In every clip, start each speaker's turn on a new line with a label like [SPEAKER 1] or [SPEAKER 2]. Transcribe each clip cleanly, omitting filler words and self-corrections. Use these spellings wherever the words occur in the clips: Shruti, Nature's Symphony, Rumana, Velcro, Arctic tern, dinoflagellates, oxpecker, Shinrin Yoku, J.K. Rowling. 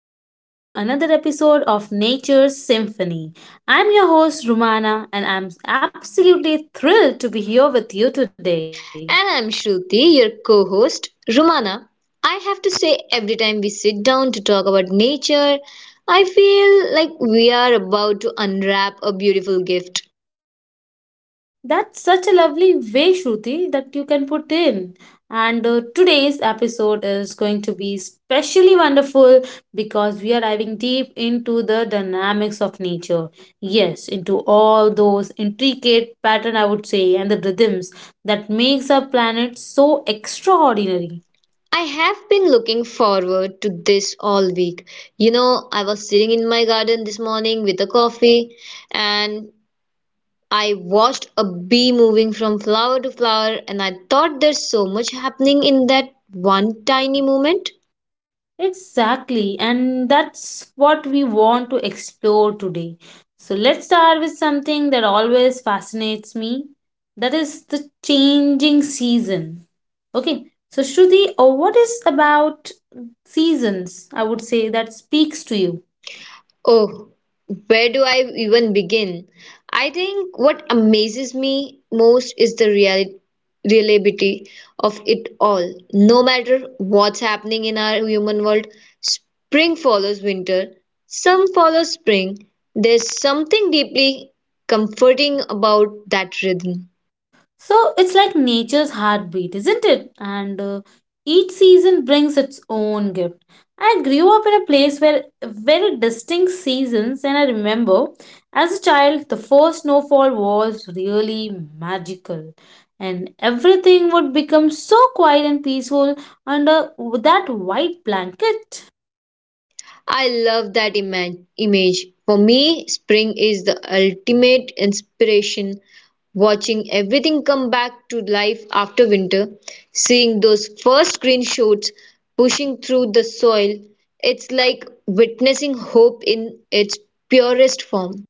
[SPEAKER 1] welcome back to another episode of Nature's Symphony. I'm your host, Rumana, and I'm absolutely thrilled to be here with you today.
[SPEAKER 2] And I'm Shruti, your co host. Romana, I have to say, every time we sit down to talk about nature, I feel like we are about to unwrap a beautiful gift.
[SPEAKER 1] That's such a lovely way, Shruti, that you can put in. And Today's episode is going to be especially wonderful because we are diving deep into the dynamics of nature. Yes, into all those intricate pattern I would say and the rhythms that makes our planet so extraordinary.
[SPEAKER 2] I have been looking forward to this all week. You know, I was sitting in my garden this morning with a coffee and I watched a bee moving from flower to flower, and I thought there's so much happening in that one tiny moment.
[SPEAKER 1] Exactly, and that's what we want to explore today. So let's start with something that always fascinates me, that is the changing season. Okay, so Shruti, what is about seasons I would say that speaks to you?
[SPEAKER 2] Oh, where do I even begin? I think what amazes me most is the reliability of it all. No matter what's happening in our human world, spring follows winter, some follow spring. There's something deeply comforting about that rhythm.
[SPEAKER 1] So it's like nature's heartbeat, isn't it? And Each season brings its own gift. I grew up in a place where very distinct seasons, and I remember as a child, the first snowfall was really magical. And everything would become so quiet and peaceful under that white blanket.
[SPEAKER 2] I love that image. For me, spring is the ultimate inspiration. Watching everything come back to life after winter, seeing those first green shoots pushing through the soil, it's like witnessing hope in its purest form.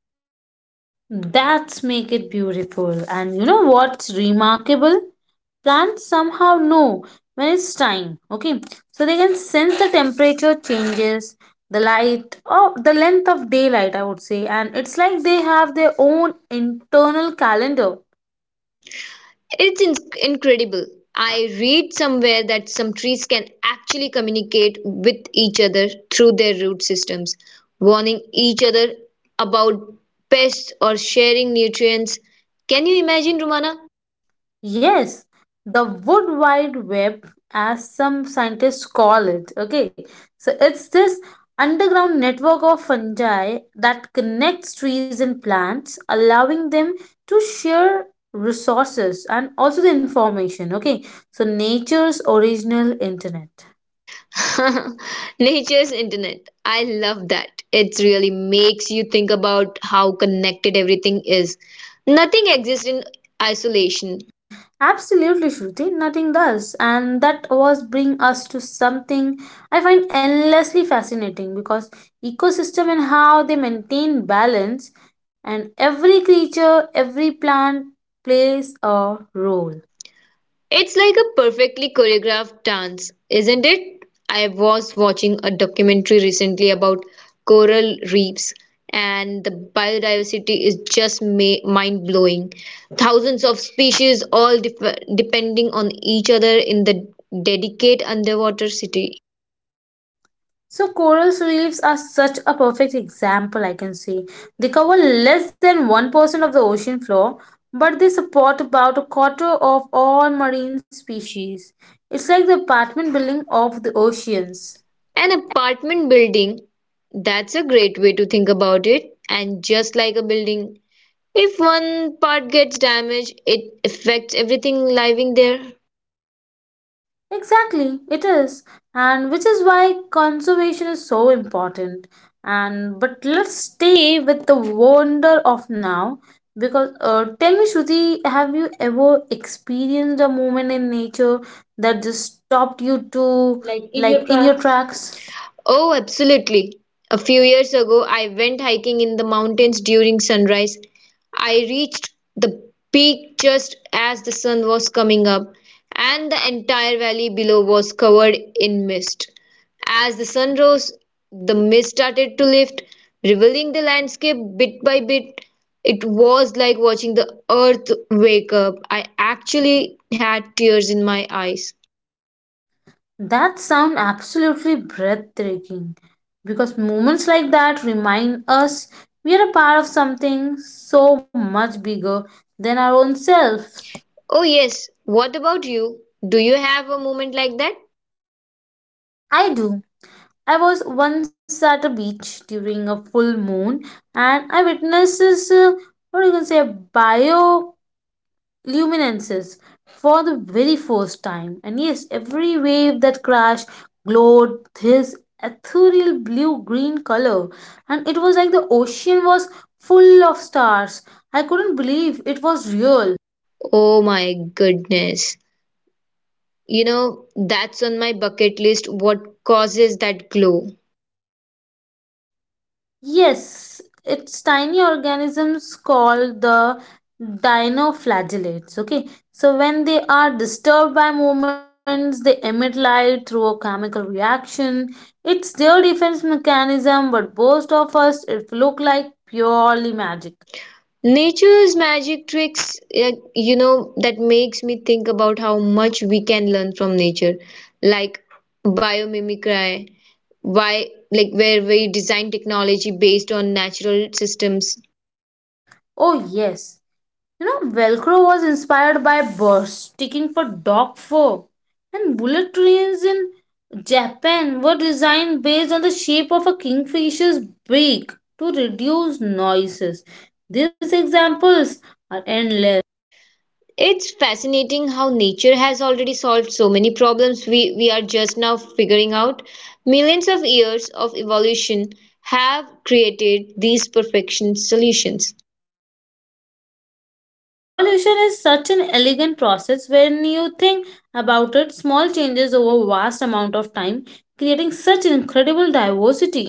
[SPEAKER 1] That's make it beautiful. And you know what's remarkable? Plants somehow know when it's time. Okay. So they can sense the temperature changes, the light, or the length of daylight, I would say. And it's like they have their own internal calendar.
[SPEAKER 2] It's incredible. I read somewhere that some trees can actually communicate with each other through their root systems, warning each other about pests or sharing nutrients. Can you imagine, Rumana?
[SPEAKER 1] Yes, the wood wide web, as some scientists call it. Okay, so it's this underground network of fungi that connects trees and plants, allowing them to share resources and also the information. Okay, so nature's original internet.
[SPEAKER 2] Nature's internet. I love that. It really makes you think about how connected everything is. Nothing exists in isolation.
[SPEAKER 1] Absolutely, Shruti. Nothing does. And that was bring us to something I find endlessly fascinating because ecosystem and how they maintain balance, and every creature, every plant plays a role.
[SPEAKER 2] It's like a perfectly choreographed dance, isn't it? I was watching a documentary recently about coral reefs, and the biodiversity is just ma mind blowing. Thousands of species, all depending on each other in the delicate underwater city.
[SPEAKER 1] So coral reefs are such a perfect example I can say. They cover less than 1% of the ocean floor, but they support about a quarter of all marine species. It's like the apartment building of the oceans.
[SPEAKER 2] An apartment building, that's a great way to think about it. And just like a building, if one part gets damaged, it affects everything living there.
[SPEAKER 1] Exactly, it is, and which is why conservation is so important. And but let's stay with the wonder of now because tell me, Shruti, have you ever experienced a moment in nature that just stopped you to like in your tracks?
[SPEAKER 2] Oh, absolutely. A few years ago, I went hiking in the mountains during sunrise. I reached the peak just as the sun was coming up, and the entire valley below was covered in mist. As the sun rose, the mist started to lift, revealing the landscape bit by bit. It was like watching the earth wake up. I actually had tears in my eyes.
[SPEAKER 1] That sound absolutely breathtaking because moments like that remind us we are a part of something so much bigger than our own selves.
[SPEAKER 2] Oh, yes. What about you? Do you have a moment like that?
[SPEAKER 1] I do. I was once at a beach during a full moon and I witnessed this, what do you can say, bioluminescence for the very first time. And yes, every wave that crashed glowed this ethereal blue green color, and it was like the ocean was full of stars. I couldn't believe it was real.
[SPEAKER 2] Oh my goodness. You know, that's on my bucket list. What causes that glow?
[SPEAKER 1] Yes, it's tiny organisms called the dinoflagellates. Okay, so when they are disturbed by movements, they emit light through a chemical reaction. It's their defense mechanism, but most of us it look like purely magic.
[SPEAKER 2] Nature's magic tricks, eh, you know, that makes me think about how much we can learn from nature, like biomimicry, why, like where we design technology based on natural systems.
[SPEAKER 1] Oh yes, you know, Velcro was inspired by birds sticking for dog fur, and bullet trains in Japan were designed based on the shape of a kingfisher's beak to reduce noises. These examples are endless.
[SPEAKER 2] It's fascinating how nature has already solved so many problems we are just now figuring out. Millions of years of evolution have created these perfection solutions.
[SPEAKER 1] Evolution is such an elegant process when you think about it, small changes over vast amount of time, creating such incredible diversity.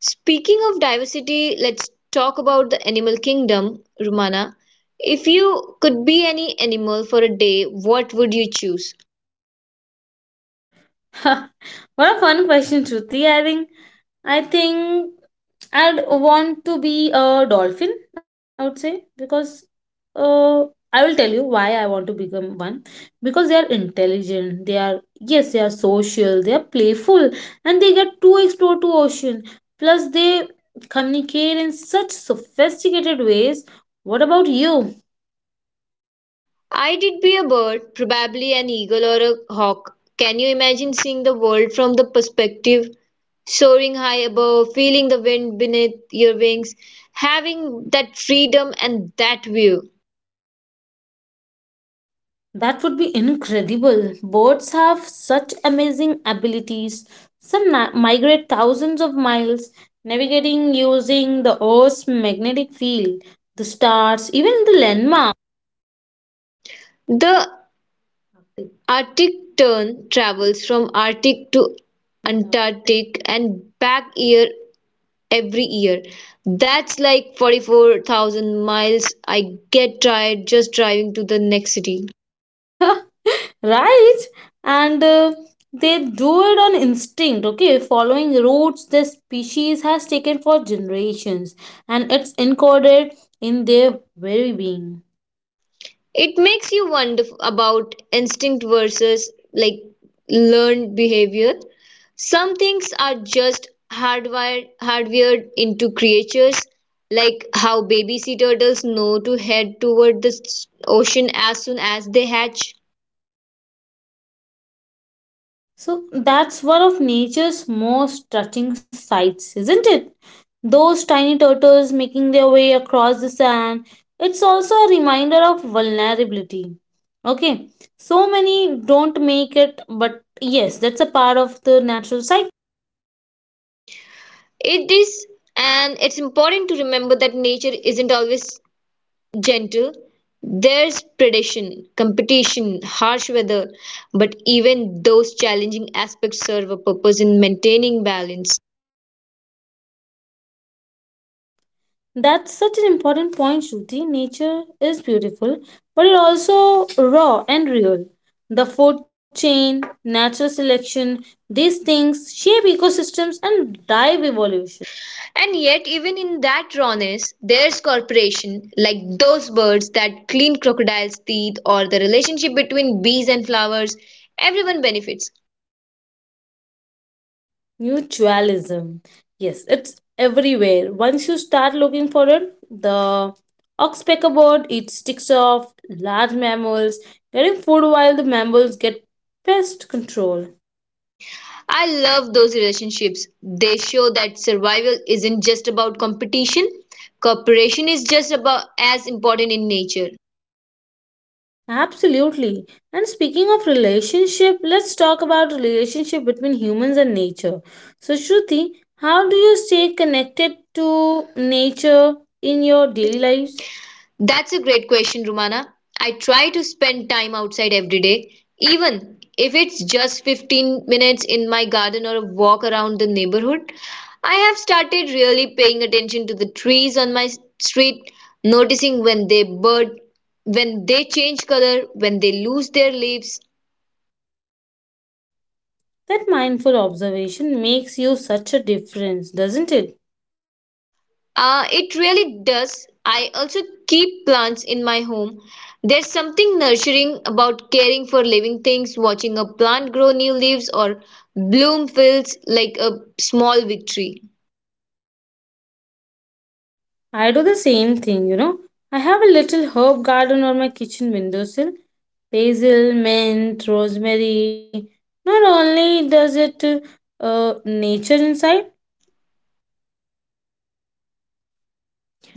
[SPEAKER 2] Speaking of diversity, let's talk about the animal kingdom, Rumana. If you could be any animal for a day, what would you choose?
[SPEAKER 1] What a fun question, Shruti. I think I'd want to be a dolphin, I would say, because uh, I will tell you why I want to become one. Because they are intelligent, they are, yes, they are social, they are playful, and they get to explore to ocean. Plus, they communicate in such sophisticated ways. What about you?
[SPEAKER 2] I did be a bird, probably an eagle or a hawk. Can you imagine seeing the world from the perspective? Soaring high above, feeling the wind beneath your wings, having that freedom and that view.
[SPEAKER 1] That would be incredible. Birds have such amazing abilities. Some migrate thousands of miles, navigating using the Earth's magnetic field, the stars, even the landmark.
[SPEAKER 2] The Arctic tern travels from Arctic to Antarctic and back year every year. That's like 44,000 miles. I get tired just driving to the next city.
[SPEAKER 1] Right? And they do it on instinct, okay? Following routes their species has taken for generations, and it's encoded in their very being.
[SPEAKER 2] It makes you wonder about instinct versus like learned behavior. Some things are just hardwired into creatures, like how baby sea turtles know to head toward the ocean as soon as they hatch.
[SPEAKER 1] So that's one of nature's most touching sights, isn't it? Those tiny turtles making their way across the sand. It's also a reminder of vulnerability. Okay, so many don't make it, but yes, that's a part of the natural cycle.
[SPEAKER 2] It is, and it's important to remember that nature isn't always gentle. There's predation, competition, harsh weather, but even those challenging aspects serve a purpose in maintaining balance.
[SPEAKER 1] That's such an important point, Shruti. Nature is beautiful, but it also raw and real. The food chain, natural selection, these things shape ecosystems and drive evolution.
[SPEAKER 2] And yet, even in that rawness, there's cooperation, like those birds that clean crocodile's teeth or the relationship between bees and flowers. Everyone benefits.
[SPEAKER 1] Mutualism. Yes, it's everywhere. Once you start looking for it, the oxpecker bird eats sticks of large mammals, getting food while the mammals get pest control.
[SPEAKER 2] I love those relationships. They show that survival isn't just about competition, cooperation is just about as important in nature.
[SPEAKER 1] Absolutely. And speaking of relationship, let's talk about relationship between humans and nature. So Shruti, how do you stay connected to nature in your daily lives?
[SPEAKER 2] That's a great question, Rumana. I try to spend time outside every day, even if it's just 15 minutes in my garden or a walk around the neighborhood. I have started really paying attention to the trees on my street, noticing when they bud, when they change color, when they lose their leaves.
[SPEAKER 1] That mindful observation makes you such a difference, doesn't it?
[SPEAKER 2] It really does. I also keep plants in my home. There's something nurturing about caring for living things, watching a plant grow new leaves or bloom feels like a small victory.
[SPEAKER 1] I do the same thing, you know. I have a little herb garden on my kitchen windowsill. Basil, mint, rosemary. Not only does it nature inside,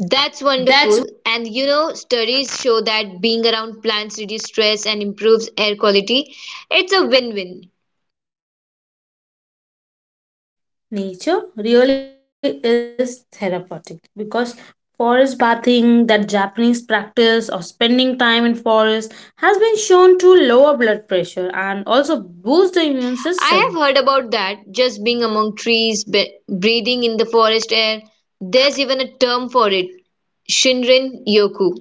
[SPEAKER 2] That's
[SPEAKER 1] that's
[SPEAKER 2] wonderful. And you know, studies show that being around plants reduces stress and improves air quality. It's a win-win.
[SPEAKER 1] nature really is therapeutic because forest bathing, that Japanese practice of spending time in forest, has been shown to lower blood pressure and also boost the immune
[SPEAKER 2] I
[SPEAKER 1] system.
[SPEAKER 2] have heard about that, just being among trees, breathing in the forest air. There's even a term for it, Shinrin Yoku.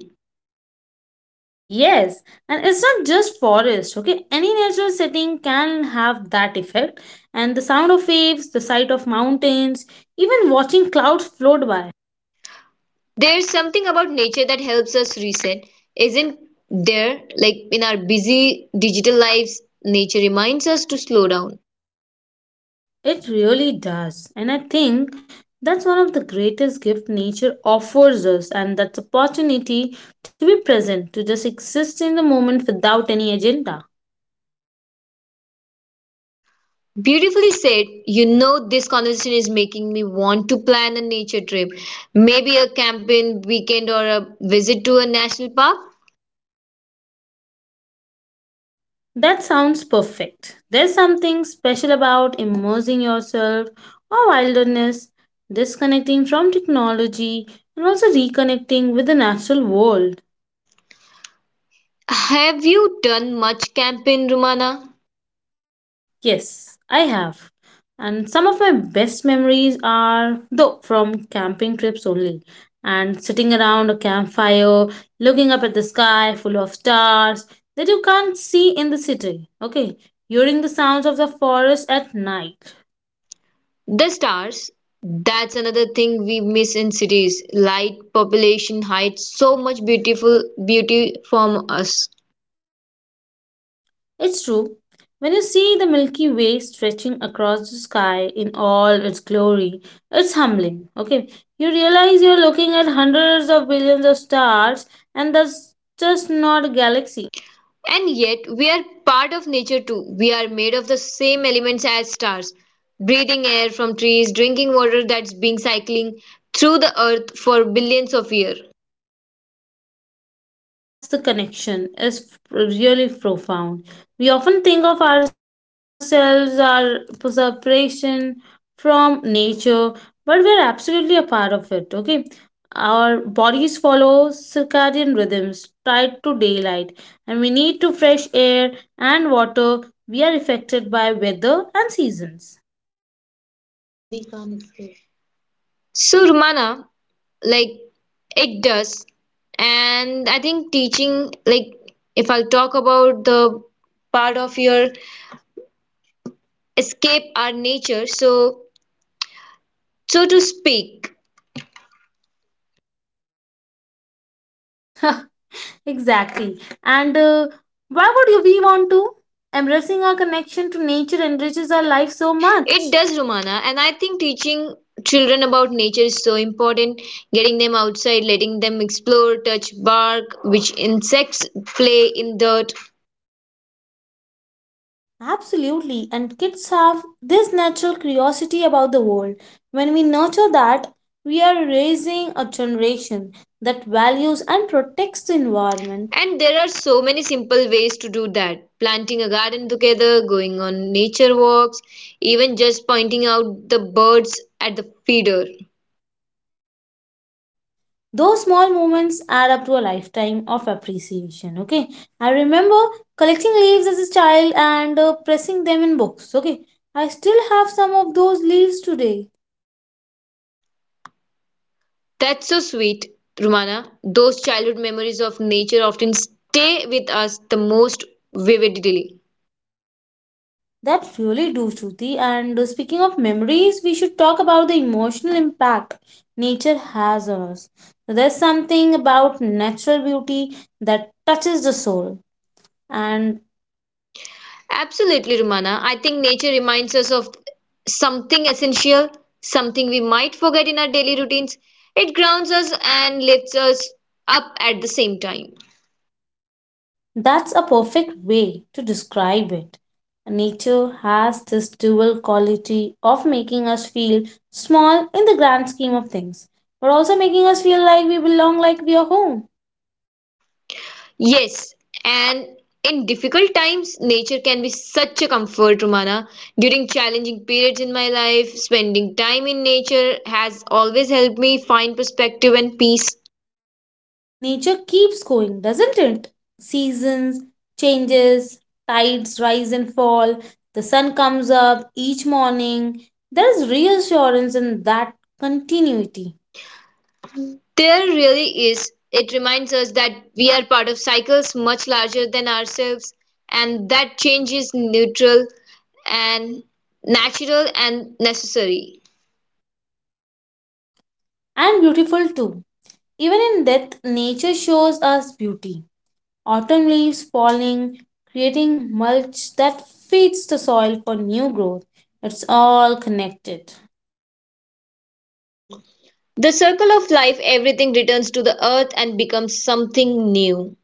[SPEAKER 1] Yes, and it's not just forest, okay? Any natural setting can have that effect. And the sound of waves, the sight of mountains, even watching clouds float by,
[SPEAKER 2] There's something about nature that helps us reset, isn't there? Like in our busy digital lives, nature reminds us to slow down.
[SPEAKER 1] it really does. And I think that's one of the greatest gift nature offers us, and that's opportunity to be present, to just exist in the moment without any agenda.
[SPEAKER 2] Beautifully said. You know, this conversation is making me want to plan a nature trip. Maybe a camping weekend or a visit to a national park.
[SPEAKER 1] That sounds perfect. There's something special about immersing yourself or wilderness, disconnecting from technology, and also reconnecting with the natural world.
[SPEAKER 2] Have you done much camping, Rumana?
[SPEAKER 1] Yes, I have. And some of my best memories are, though, from camping trips only. And sitting around a campfire, looking up at the sky full of stars that you can't see in the city. Okay, hearing the sounds of the forest at night.
[SPEAKER 2] The stars. That's another thing we miss in cities. Light, population hides so much beautiful beauty from us.
[SPEAKER 1] It's true. When you see the Milky Way stretching across the sky in all its glory, it's humbling. Okay, you realize you're looking at hundreds of billions of stars, and that's just not a galaxy.
[SPEAKER 2] And yet, we are part of nature too. We are made of the same elements as stars, breathing air from trees, drinking water that's been cycling through the earth for billions of years.
[SPEAKER 1] That's the connection is really profound. We often think of ourselves our separation from nature, but we're absolutely a part of it. Okay, our bodies follow circadian rhythms tied to daylight, and we need to fresh air and water. We are affected by weather and seasons.
[SPEAKER 2] So, Rumana, like it does. And I think teaching, like, if I'll talk about the part of your escape our nature, so so to speak.
[SPEAKER 1] Exactly. And why would you we want to? Embracing our connection to nature enriches our life so much.
[SPEAKER 2] It does, Romana, and I think teaching children about nature is so important. Getting them outside, letting them explore, touch bark, which insects play in dirt.
[SPEAKER 1] Absolutely, and kids have this natural curiosity about the world. When we nurture that, we are raising a generation that values and protects the environment.
[SPEAKER 2] And there are so many simple ways to do that. Planting a garden together, going on nature walks, even just pointing out the birds at the feeder.
[SPEAKER 1] Those small moments add up to a lifetime of appreciation. Okay, I remember collecting leaves as a child and pressing them in books. Okay, I still have some of those leaves today.
[SPEAKER 2] That's so sweet, Romana. Those childhood memories of nature often stay with us the most vividly.
[SPEAKER 1] That really do, Shruti. And Speaking of memories, we should talk about the emotional impact nature has on us. So there's something about natural beauty that touches the soul, and
[SPEAKER 2] Absolutely, Rumana. I think nature reminds us of something essential, something we might forget in our daily routines. It grounds us and lifts us up at the same time.
[SPEAKER 1] that's a perfect way to describe it. Nature has this dual quality of making us feel small in the grand scheme of things, but also making us feel like we belong, like we are home.
[SPEAKER 2] Yes, and in difficult times, nature can be such a comfort, Romana. During challenging periods in my life, spending time in nature has always helped me find perspective and peace.
[SPEAKER 1] Nature keeps going, doesn't it? Seasons, changes, tides rise and fall, the sun comes up each morning. There's reassurance in that continuity.
[SPEAKER 2] There really is. It reminds us that we are part of cycles much larger than ourselves, and that change is neutral and natural and necessary.
[SPEAKER 1] And beautiful too. Even in death, nature shows us beauty. Autumn leaves falling, creating mulch that feeds the soil for new growth. It's all connected.
[SPEAKER 2] The circle of life, everything returns to the earth and becomes something new.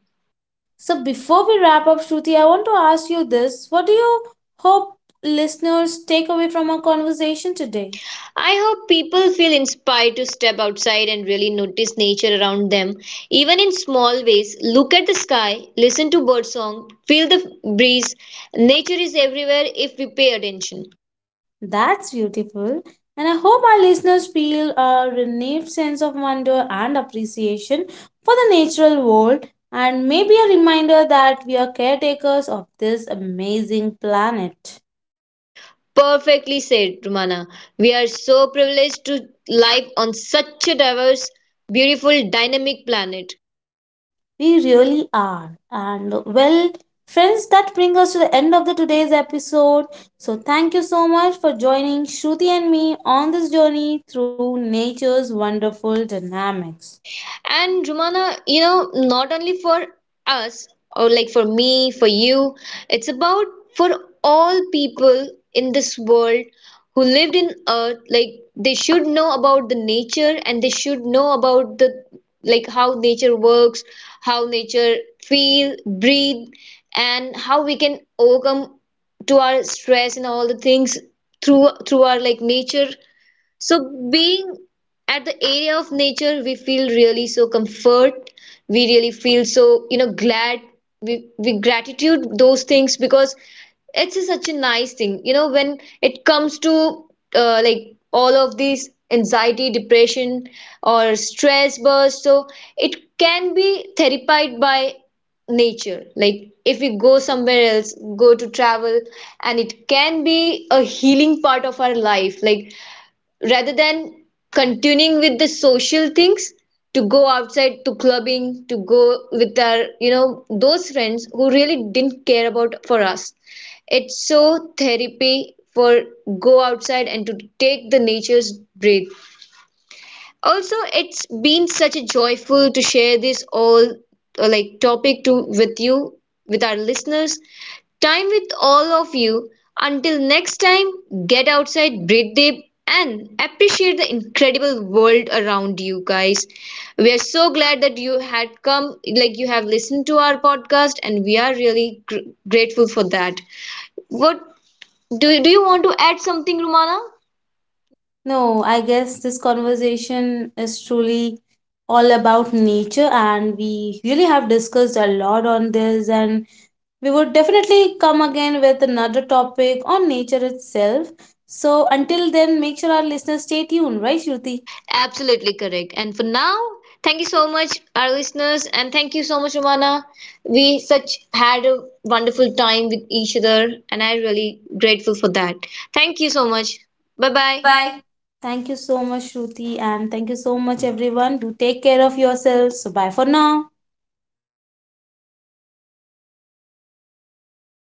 [SPEAKER 1] So before we wrap up, Shruti, I want to ask you this. What do you hope listeners take away from our conversation today?
[SPEAKER 2] I hope people feel inspired to step outside and really notice nature around them, even in small ways. Look at the sky, listen to birdsong, feel the breeze. Nature is everywhere if we pay attention.
[SPEAKER 1] That's beautiful. And I hope our listeners feel a renewed sense of wonder and appreciation for the natural world and maybe a reminder that we are caretakers of this amazing planet.
[SPEAKER 2] Perfectly said, Rumana. We are so privileged to live on such a diverse, beautiful, dynamic planet.
[SPEAKER 1] We really are. And well, friends, that brings us to the end of the today's episode. So thank you so much for joining Shruti and me on this journey through nature's wonderful dynamics.
[SPEAKER 2] And Rumana, you know, not only for us, or like for me, for you, it's about for all people in this world who lived in Earth. Like they should know about the nature and they should know about the like how nature works, how nature feel, breathe, and how we can overcome to our stress and all the things through our like nature so being at the area of nature, we feel really so comfort. We really feel so, you know, glad. We gratitude those things because it's such a nice thing. You know, when it comes to like all of these anxiety, depression, or stress burst, so it can be therapized by nature. Like if we go somewhere else, go to travel, and it can be a healing part of our life. Like rather than continuing with the social things to go outside to clubbing to go with our you know those friends who really didn't care about for us, it's so therapy for go outside and to take the nature's breath also, it's been such a joyful to share this all like topic to with you, with our listeners. Time with all of you. Until next time, get outside, breathe deep, and appreciate the incredible world around you guys. We are so glad that you had come, like you have listened to our podcast, and we are really grateful for that. What do you want to add something, Romana?
[SPEAKER 1] No, I guess this conversation is truly all about nature and we really have discussed a lot on this and we would definitely come again with another topic on nature itself. So until then, make sure our listeners stay tuned, right, Shruti?
[SPEAKER 2] Absolutely correct. And for now, thank you so much, our listeners, and thank you so much, Romana. We such had a wonderful time with each other, and I'm really grateful for that. Thank you so much. Bye
[SPEAKER 1] Bye
[SPEAKER 2] bye.
[SPEAKER 1] bye. Thank you so much, Shruti, and thank you so much, everyone. Do take care of yourselves. So, bye for now.